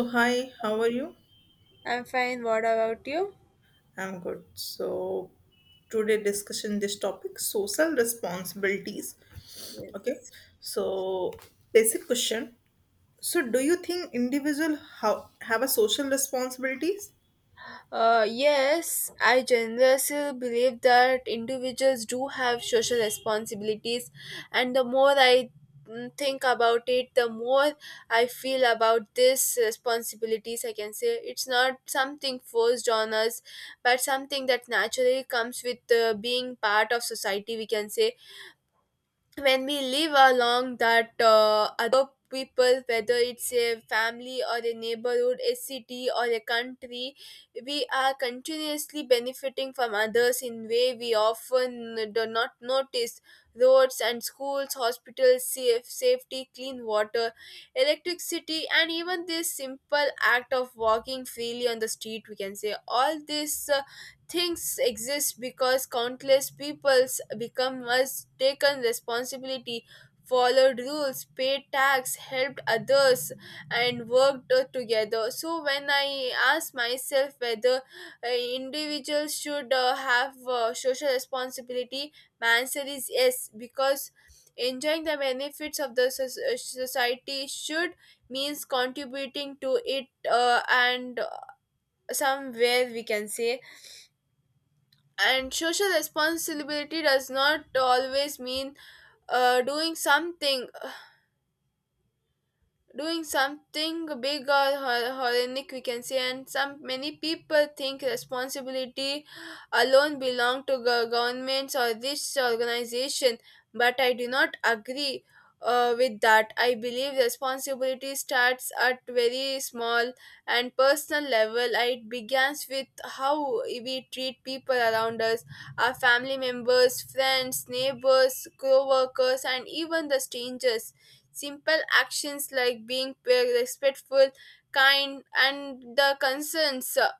So hi, how are you? I'm fine. What about you? I'm good. So today discussion this topic social responsibilities. Okay. Yes. So basic question. So do you think individual how have a social responsibilities? Yes, I generously believe that individuals do have social responsibilities, and the more I think about it, the more I feel about these responsibilities. I can say it's not something forced on us, but something that naturally comes with being part of society. We can say when we live along that other people, whether it's a family or a neighborhood, a city or a country, we are continuously benefiting from others in way we often do not notice: roads and schools, hospitals, safe safety, clean water, electricity, and even this simple act of walking freely on the street. We can say all this things exist because countless peoples become must taken responsibility, followed rules, paid tax, helped others, and worked together. So when I ask myself whether individuals should have social responsibility, my answer is yes, because enjoying the benefits of the society should means contributing to it and somewhere we can say. And social responsibility does not always mean doing something, doing something big or horrific, we can say. And some many people think responsibility alone belong to governments or this organization, but I do not agree with that. I believe responsibility starts at very small and personal level. It begins with how we treat people around us: our family members, friends, neighbors, co-workers, and even the strangers. Simple actions like being respectful, kind, and the concerns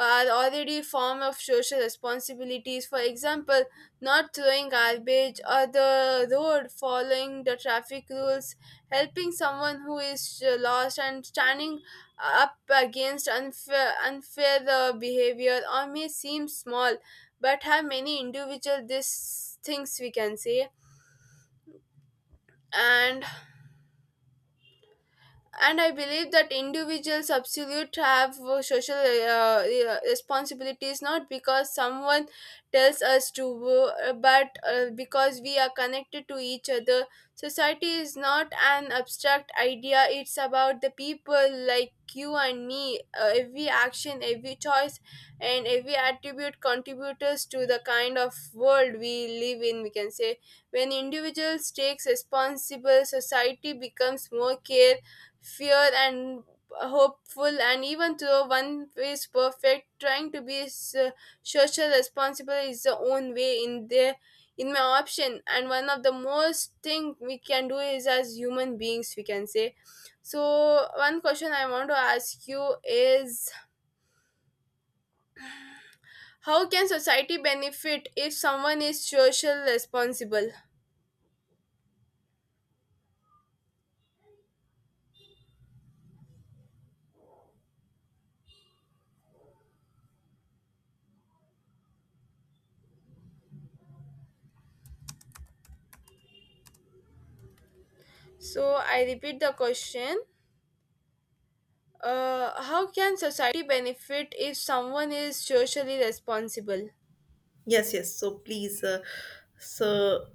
are already form of social responsibilities. For example, not throwing garbage on the road, following the traffic rules, helping someone who is lost, and standing up against unfair, unfair behavior or may seem small but have many individual this things, we can say. And and I believe that individuals absolute have social responsibilities, not because someone tells us to, but because we are connected to each other. Society is not an abstract idea; it's about the people like you and me. Every action, every choice, and every attribute contributes to the kind of world we live in, we can say. When individuals takes responsible, society becomes more care, fear, and hopeful. And even though one is perfect, trying to be social responsible is the own way in their in my option, and one of the most thing we can do is as human beings, we can say. So one question I want to ask you is, how can society benefit if someone is social responsible? So I repeat the question: how can society benefit if someone is socially responsible? Yes, yes. So please, so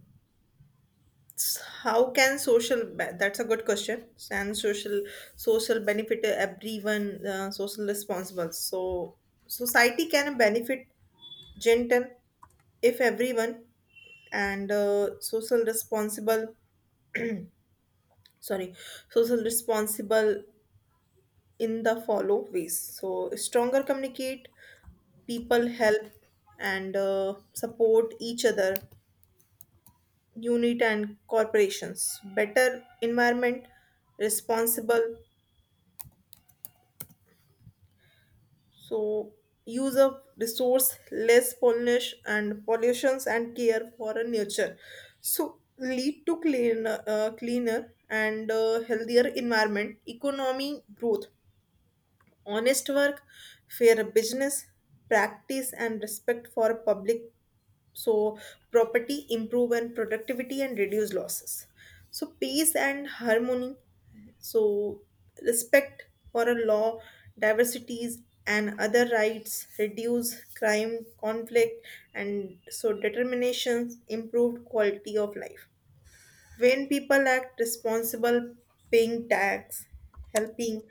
How can social? That's a good question. And social social benefit to everyone social responsible. So society can benefit gentle if everyone and social responsible, sorry, social responsible in the follow ways. So stronger communicate, people help and support each other, unit and corporations, better environment responsible. So use of resource, less pollution and pollutions and care for a nature, so lead to cleaner, cleaner and healthier environment, economy growth, honest work, fair business practice and respect for public. So property improve and productivity and reduce losses. So peace and harmony. So respect for a law, diversities and other rights, reduce crime conflict and so determinations, improved quality of life. When people act responsible, paying tax, helping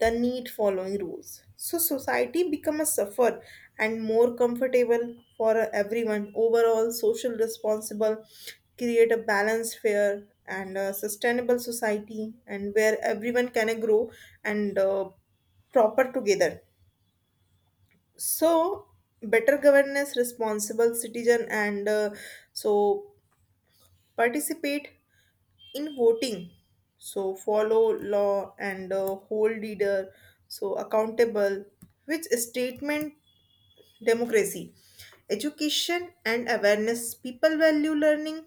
the need, following rules, so society become a suffer and more comfortable for everyone. Overall, social responsible create a balanced, fair and sustainable society and where everyone can grow and proper together. So better governance, responsible citizen and so participate in voting, so follow law and hold leader so accountable, which statement democracy. Education and awareness, people value learning,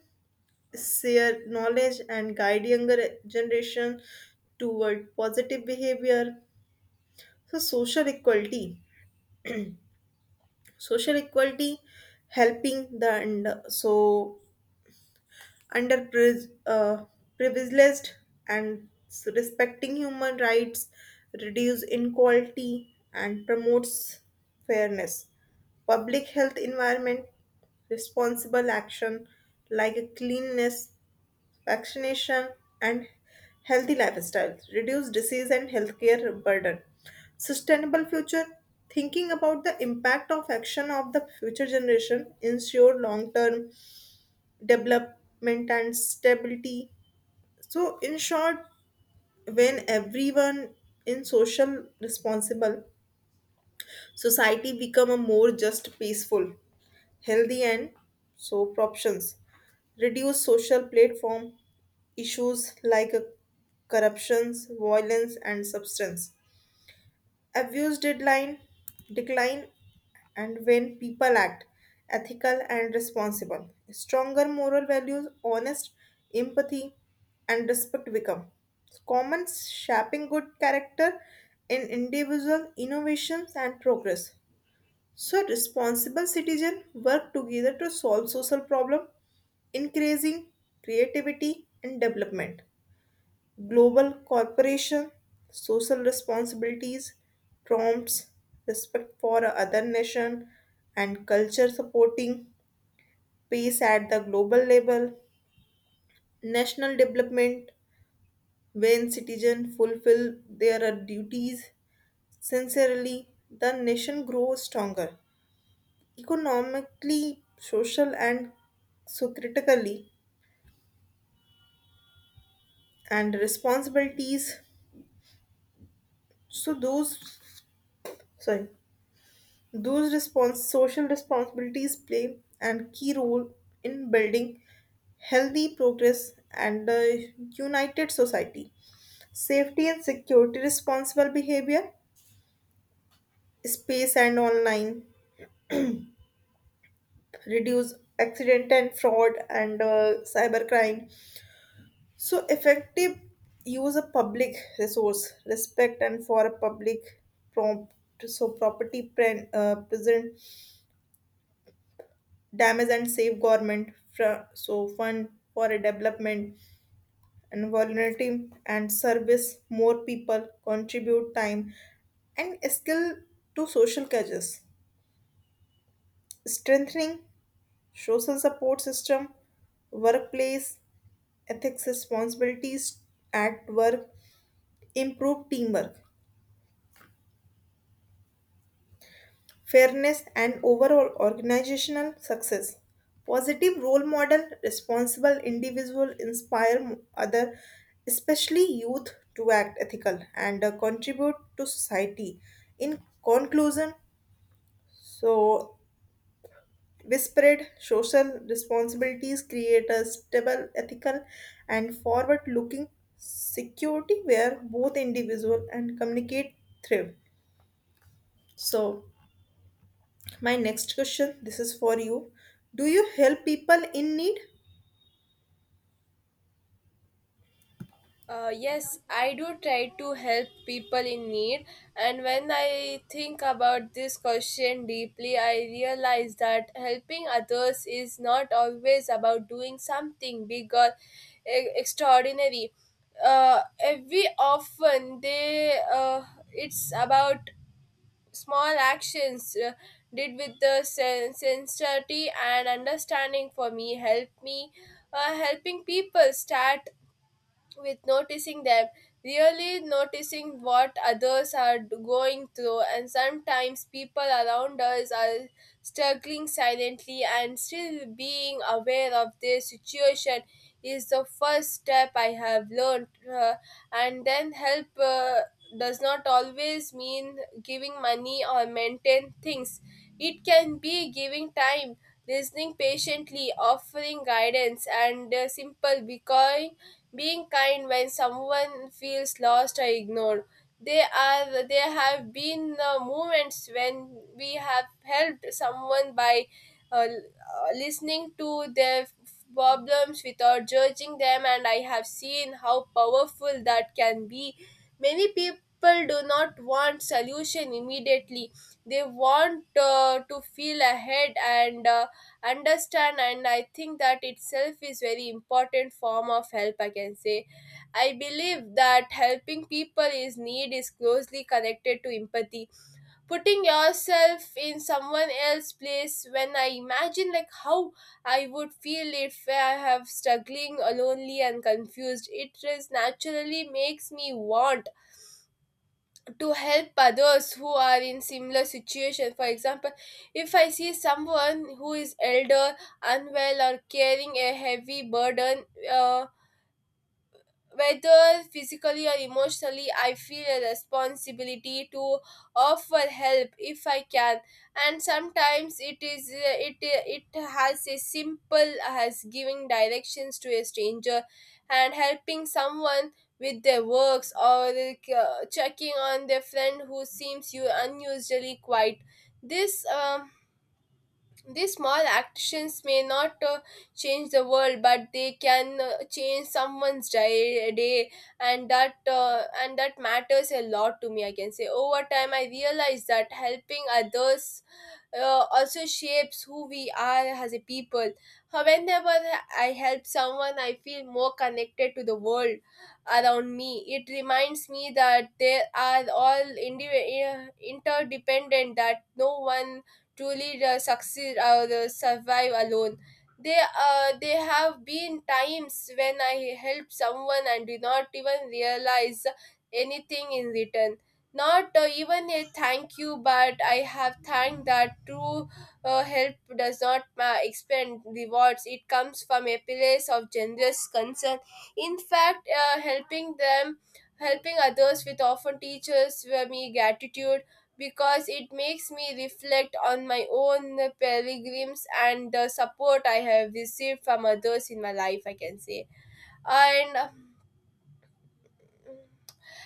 share knowledge and guide younger generation toward positive behavior. So social equality, social equality, helping the and so underprivileged, privileged and respecting human rights, reduce inequality and promotes fairness. Public health environment, responsible action like cleanliness, vaccination and healthy lifestyle, reduce disease and healthcare burden. Sustainable future, thinking about the impact of action of the future generation, ensure long term development and stability. So, in short, when everyone in social responsible, society become a more just, peaceful, healthy and soap options. Reduce social platform issues like corruptions, violence and substance. Abuse deadline decline. And when people act ethical and responsible, stronger moral values, honest, empathy and respect become common, shaping good character in individual. Innovations and progress, so responsible citizens work together to solve social problem, increasing creativity and development. Global cooperation, social responsibilities, prompts, respect for other nation, and culture, supporting peace at the global level. National development, when citizens fulfill their duties sincerely, the nation grows stronger economically, social, and so critically, and responsibilities. So those, sorry, social responsibilities play a key role in building healthy progress and a united society. Safety and security, responsible behavior, space and online, reduce accident and fraud and cybercrime. So effective use of public resource, respect and for a public prompt. So property present damage and save government so fund for a development. And volunteer and service, more people contribute time and skill to social causes, strengthening social support system. Workplace ethics responsibilities at work improve teamwork, fairness, and overall organizational success. Positive role model, responsible individual inspire other, especially youth, to act ethical and contribute to society. In conclusion, so whispered social responsibilities create a stable, ethical, and forward-looking security where both individual and communicate thrive. So my next question, this is for you. Do you help people in need? Yes, I do try to help people in need, and when I think about this question deeply, I realize that helping others is not always about doing something big or extraordinary. Every often they it's about small actions did with the sincerity and understanding. For me, help me, helping people start with noticing them, really noticing what others are going through, and sometimes people around us are struggling silently, and still being aware of their situation is the first step I have learned. And then help does not always mean giving money or maintain things; it can be giving time. Listening patiently, offering guidance, and simple because being kind when someone feels lost or ignored. They are there have been moments when we have helped someone by uh, l- listening to their problems without judging them, and I have seen how powerful that can be. Many people do not want solution immediately. They want to feel ahead and understand, and I think that itself is very important form of help, I can say. I believe that helping people is need is closely connected to empathy, putting yourself in someone else's place. When I imagine like how I would feel if I have struggling, lonely and confused, it is naturally makes me want to help others who are in similar situation. For example, if I see someone who is elder, unwell, or carrying a heavy burden, uh, whether physically or emotionally, I feel a responsibility to offer help if I can, and sometimes it is it it has a simple as giving directions to a stranger, and helping someone with their works, or checking on their friend who seems you unusually quiet. This These small actions may not change the world, but they can change someone's day, and that matters a lot to me, I can say. Over time, I realized that helping others also shapes who we are as a people. Whenever I help someone, I feel more connected to the world around me. It reminds me that they are all interdependent, that no one truly succeed or survive alone. They have been times when I help someone and do not even realize anything in return, not even a thank you, but I have thanked that true help does not expend rewards. It comes from a place of generous concern. In fact, helping others with often teaches me gratitude, because it makes me reflect on my own pilgrims and the support I have received from others in my life, I can say. And. uh,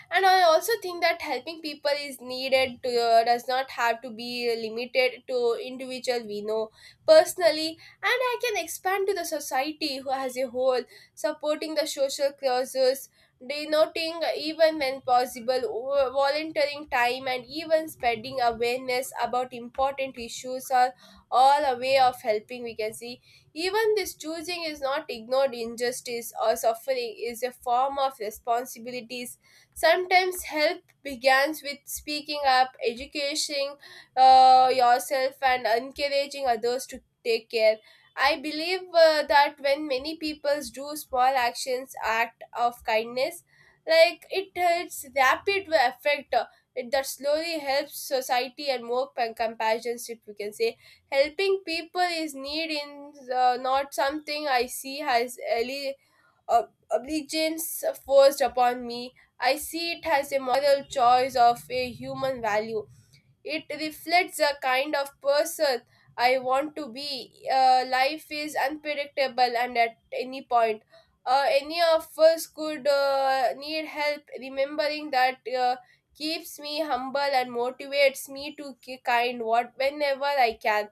and I also think that helping people is needed to, does not have to be limited to individual we know personally, and I can expand to the society who as a whole, supporting the social causes, denoting even when possible, volunteering time, and even spreading awareness about important issues are all a way of helping, we can see. Even this choosing is not ignored injustice or suffering is a form of responsibilities. Sometimes health begins with speaking up, educating yourself, and encouraging others to take care. I believe that when many people do small actions, act of kindness, like it its rapid effect, that slowly helps society and more compassion. If we can say helping people is need in not something I see as early obedience forced upon me, I see it as a moral choice of a human value. It reflects the kind of person I want to be. Life is unpredictable, and at any point, any of us could need help. Remembering that keeps me humble and motivates me to be kind what whenever I can.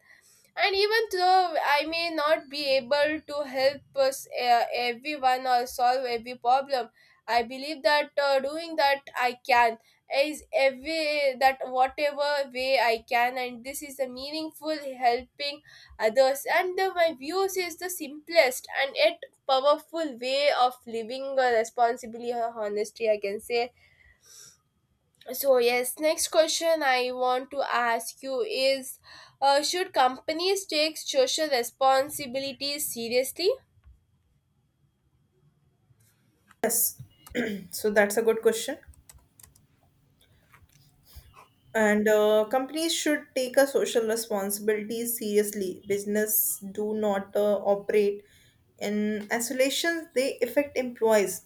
And even though I may not be able to help us, everyone or solve every problem, I believe that doing that I can is every that whatever way I can, and this is the meaningful helping others. And my views is the simplest and yet powerful way of living responsibly or honestly, I can say. So yes, next question I want to ask you is, should companies take social responsibility seriously? Yes. So that's a good question. And companies should take a social responsibility seriously. Business do not operate in isolations. They affect employees,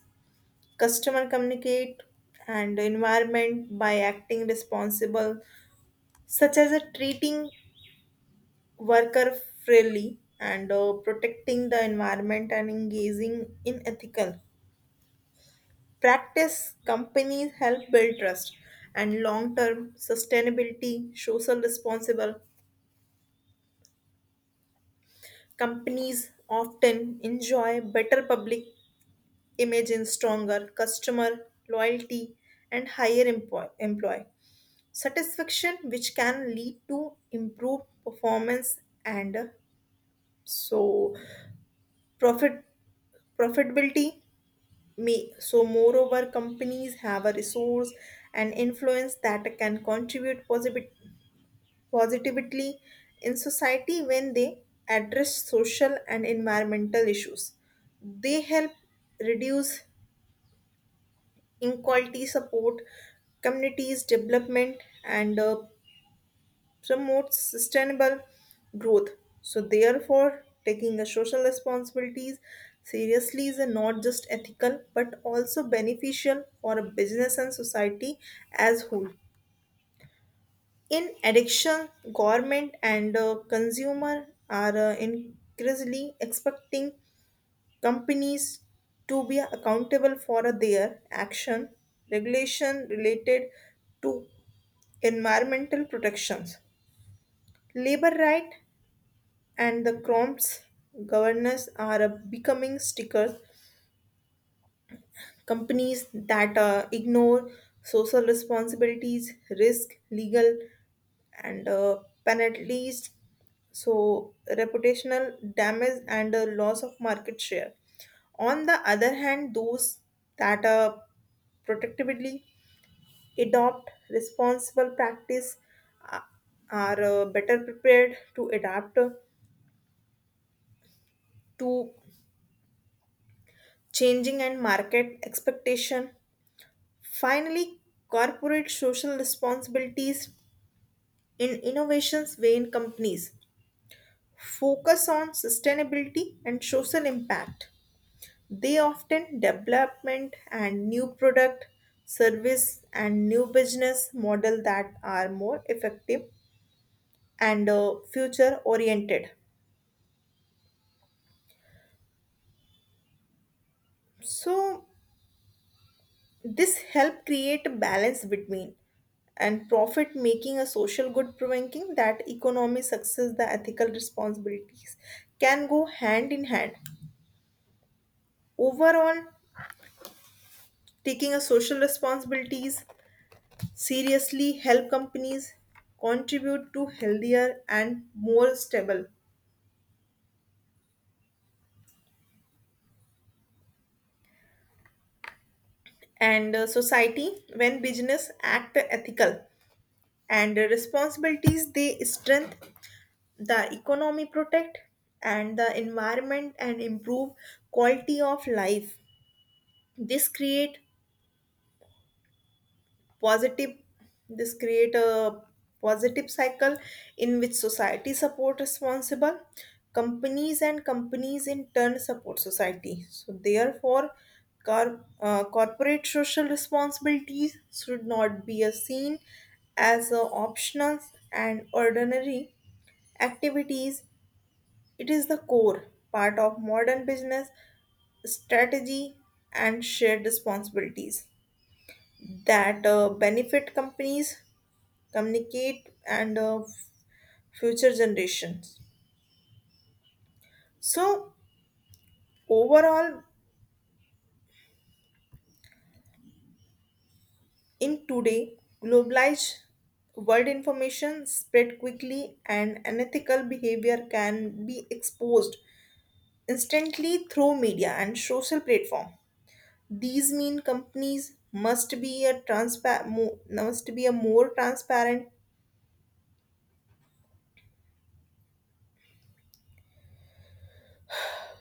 customer communicate, and environment by acting responsible, such as a treating worker fairly and protecting the environment and engaging in ethical practice. Companies help build trust and long-term sustainability. Social responsible companies often enjoy better public image and stronger customer loyalty and higher employee satisfaction, which can lead to improved performance and so profit profitability may. So moreover, companies have a resource and influence that can contribute positive positively in society when they address social and environmental issues. They help reduce inequality, support communities' development, and promote sustainable growth. So, therefore, taking the social responsibilities seriously is not just ethical but also beneficial for a business and society as whole. In addiction, government and consumer are increasingly expecting companies to be accountable for their action. Regulation related to environmental protections, labor right and the prompts governance are becoming stickers. Companies that ignore social responsibilities risk legal and penalties, so reputational damage and loss of market share. On the other hand, those that protectively adopt responsible practice uh, are better prepared to adapt to changing and market expectation. Finally, corporate social responsibilities in innovations, when companies focus on sustainability and social impact, they often development and new product, service and new business model that are more effective and future oriented. So this help create a balance between and profit making a social good, provoking that economic success the ethical responsibilities can go hand in hand. Overall, taking a social responsibilities seriously help companies contribute to healthier and more stable and society. When business act ethical and responsibilities, they strengthen the economy, protect and the environment and improve quality of life. This create positive, this create a positive cycle in which society support responsible companies and companies in turn support society. So therefore, corporate social responsibilities should not be a seen as a optional and ordinary activities. It is the core part of modern business strategy and shared responsibilities that benefit companies, communicate, and future generations. So, overall, in today globalized world, information spread quickly and unethical behavior can be exposed instantly through media and social platform. These mean companies must be a must be a more transparent.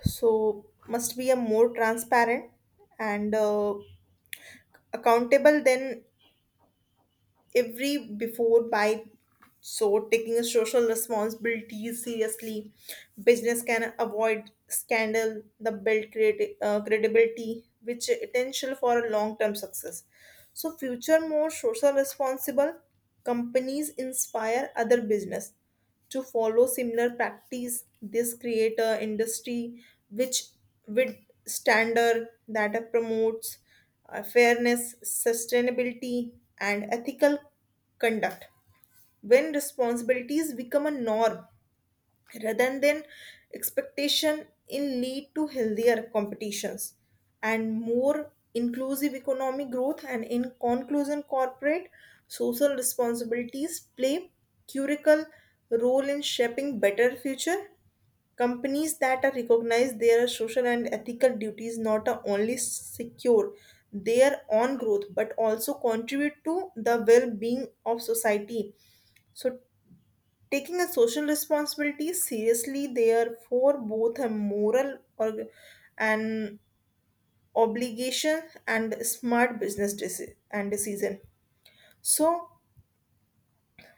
So must be a more transparent and accountable than every before. By so taking social responsibilities seriously, business can avoid scandal the build credibility, which essential for a long term success. So future more social responsible companies inspire other business to follow similar practice. This create a industry which with standard that promotes fairness, sustainability, and ethical conduct. When responsibilities become a norm, rather than expectation, in lead to healthier competitions and more inclusive economic growth. And in conclusion, corporate social responsibilities play curical role in shaping better future. Companies that are recognize their social and ethical duties not only secure their own growth but also contribute to the well-being of society. So taking a social responsibility seriously, therefore, both a moral or an obligation and smart business and decision. So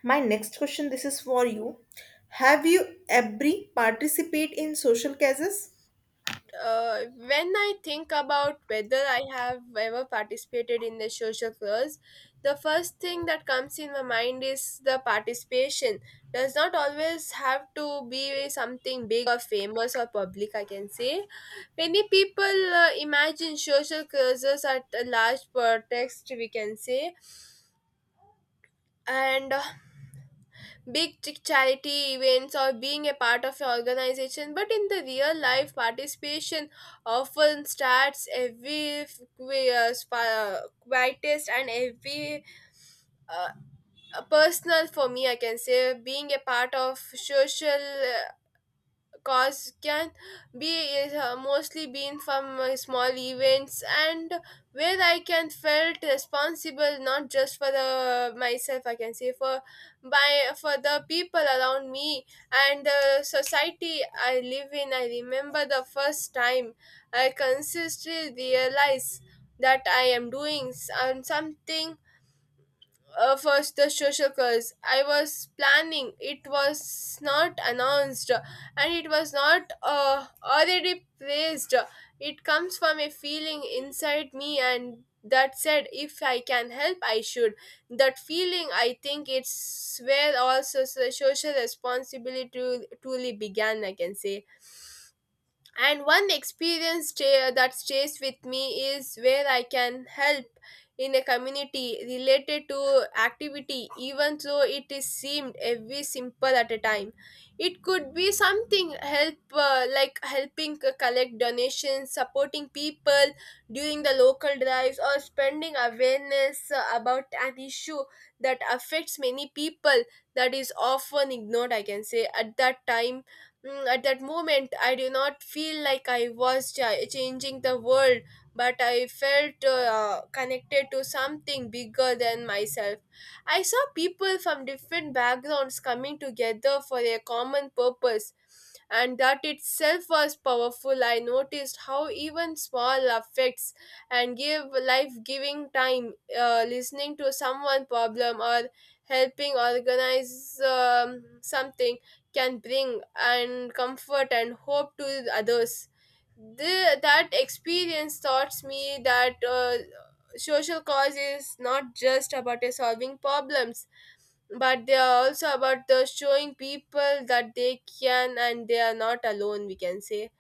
my next question, this is for you. Have you ever participate in social causes? When I think about whether I have ever participated in the social cause, the first thing that comes in my mind is the participation. Does not always have to be something big or famous or public, I can say. Many people imagine social causes at a large pretext, we can say. And big charity events or being a part of an organization, but in the real life, participation often starts every quietest and every uh, personal. For me, I can say, being a part of social cause can be is mostly been from small events, and where I can felt responsible not just for the myself, I can say, for by for the people around me and the society I live in. I remember the first time I consistently realized that I am doing something, first the social curse I was planning, it was not announced and it was not already praised. It comes from a feeling inside me, and that said, if I can help, I should. That feeling, I think, it's where also social responsibility truly began, I can say. And one experience that stays with me is where I can help in a community related to activity, even though it is seemed every simple at a time. It could be something help like helping collect donations, supporting people during the local drives, or spending awareness about an issue that affects many people, that is often ignored, I can say. At that time, at that moment, I do not feel like I was changing the world, but I felt connected to something bigger than myself. I saw people from different backgrounds coming together for a common purpose, and that itself was powerful. I noticed how even small affects and give life giving time, listening to someone problem or helping organize something can bring and comfort and hope to others. That experience taught me that social cause is not just about solving problems, but they are also about the showing people that they can and they are not alone, we can say.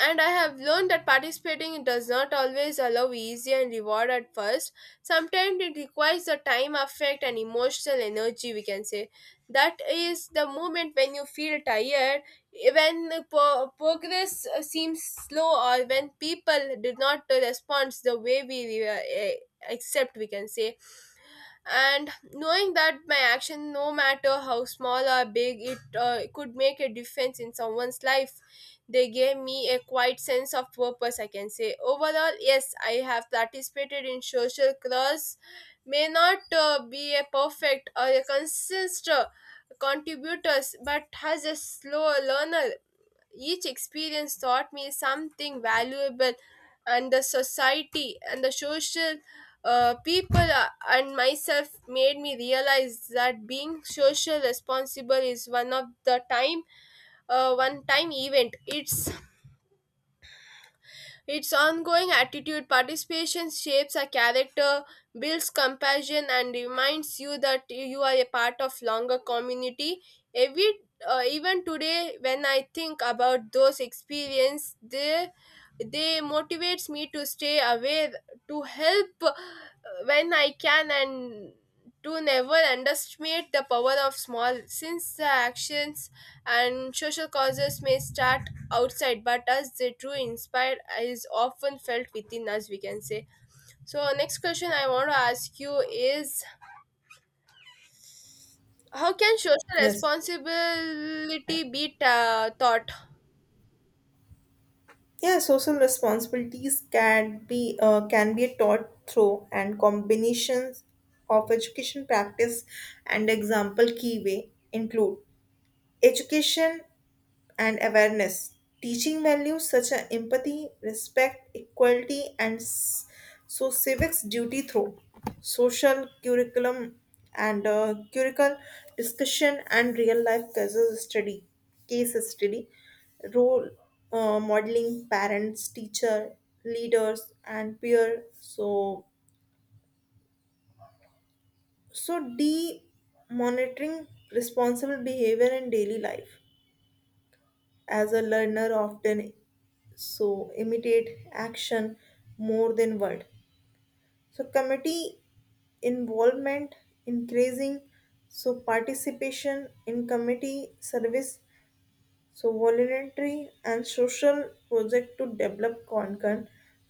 And I have learned that participating does not always allow easy and reward at first. Sometimes it requires the time, affect, and emotional energy, we can say. That is the moment when you feel tired, when the progress seems slow, or when people did not respond the way we accept, we can say. And knowing that my action, no matter how small or big it could make a difference in someone's life, they gave me a quiet sense of purpose, I can say. Overall, yes, I have participated in social cause. May not be a perfect or a consistent contributors, but has a slow learner, each experience taught me something valuable, and the society and the social people and myself made me realize that being social responsible is one of the time, one time event. It's its ongoing attitude. Participation shapes a character, builds compassion, and reminds you that you are a part of longer community. Every Even today, when I think about those experiences, they motivates me to stay aware, to help when I can, and to never underestimate the power of small. Since the actions and social causes may start outside, but as the true inspire is often felt within us, we can say. So next question I want to ask you is, how can social Yes. responsibility be taught? Yeah, social responsibilities can be taught through and combinations of education practice and example. Key way include education and awareness, teaching values such as empathy, respect, equality, and so civics duty through social curriculum and curricle discussion and real life cases study, case study, role modeling, parents, teacher, leaders, and peer. So so D monitoring responsible behavior in daily life as a learner often so imitate action more than word. So committee involvement, increasing so participation in committee service, so voluntary and social project, to develop concern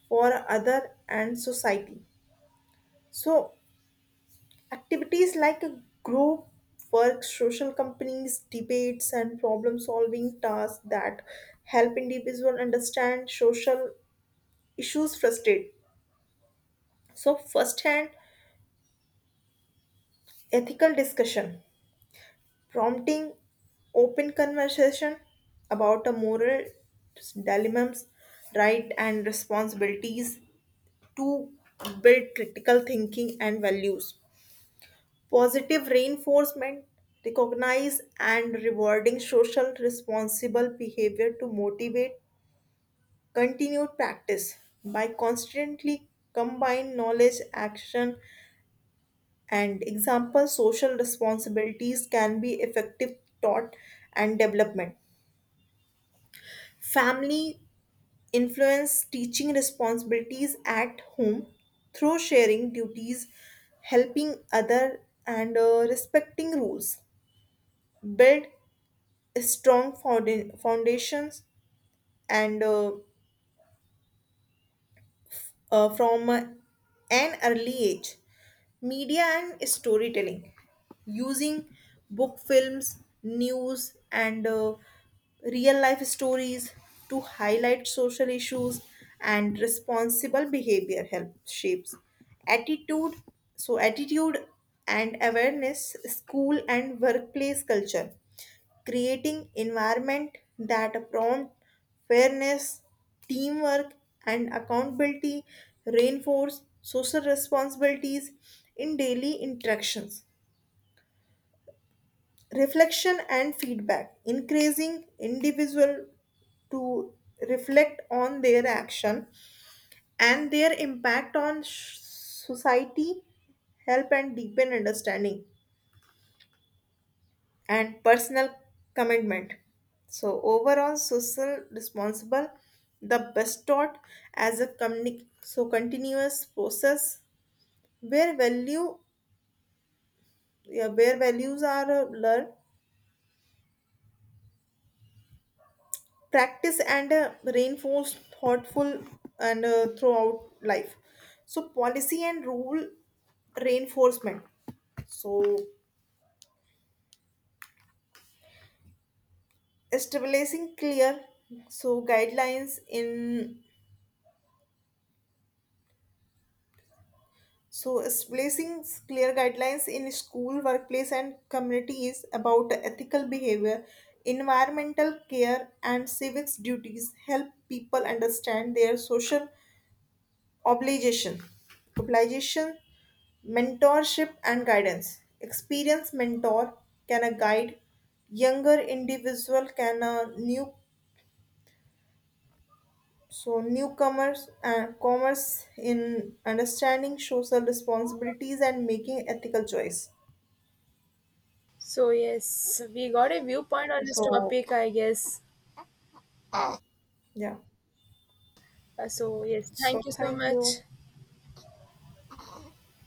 for other and society. So activities like a group work, social companies, debates and problem solving tasks that help individual understand social issues frustrate. So, first hand ethical discussion, prompting open conversation about a moral dilemmas, right and responsibilities to build critical thinking and values. Positive reinforcement, recognize and rewarding social responsible behavior to motivate continued practice, by constantly combine knowledge, action and example. Social responsibilities can be effective taught and development. Family influence, teaching responsibilities at home through sharing duties, helping other and respecting rules, build strong foundations and from an early age. Media and storytelling, using book, films, news, and real life stories to highlight social issues and responsible behavior, help shapes attitude, so attitude and awareness. School and workplace culture, creating environment that promote fairness, teamwork, and accountability, reinforce social responsibilities in daily interactions. Reflection and feedback, increasing individual to reflect on their action and their impact on society, help and deepen understanding, and personal commitment. So overall, social responsible, the best taught as a so continuous process where value, yeah, where values are learned, practice and reinforced, thoughtful and throughout life. So policy and rule reinforcement. So establishing clear so guidelines in, so, placing clear guidelines in school, workplace, and communities about ethical behavior, environmental care, and civics duties, help people understand their social obligation, obligation, mentorship, and guidance. Experienced mentor can a guide younger individual, can a new so newcomers and commerce in understanding social responsibilities and making ethical choice. So yes, we got a viewpoint on this So, topic, I guess. yeah. So yes, So, thank you so thank much. you.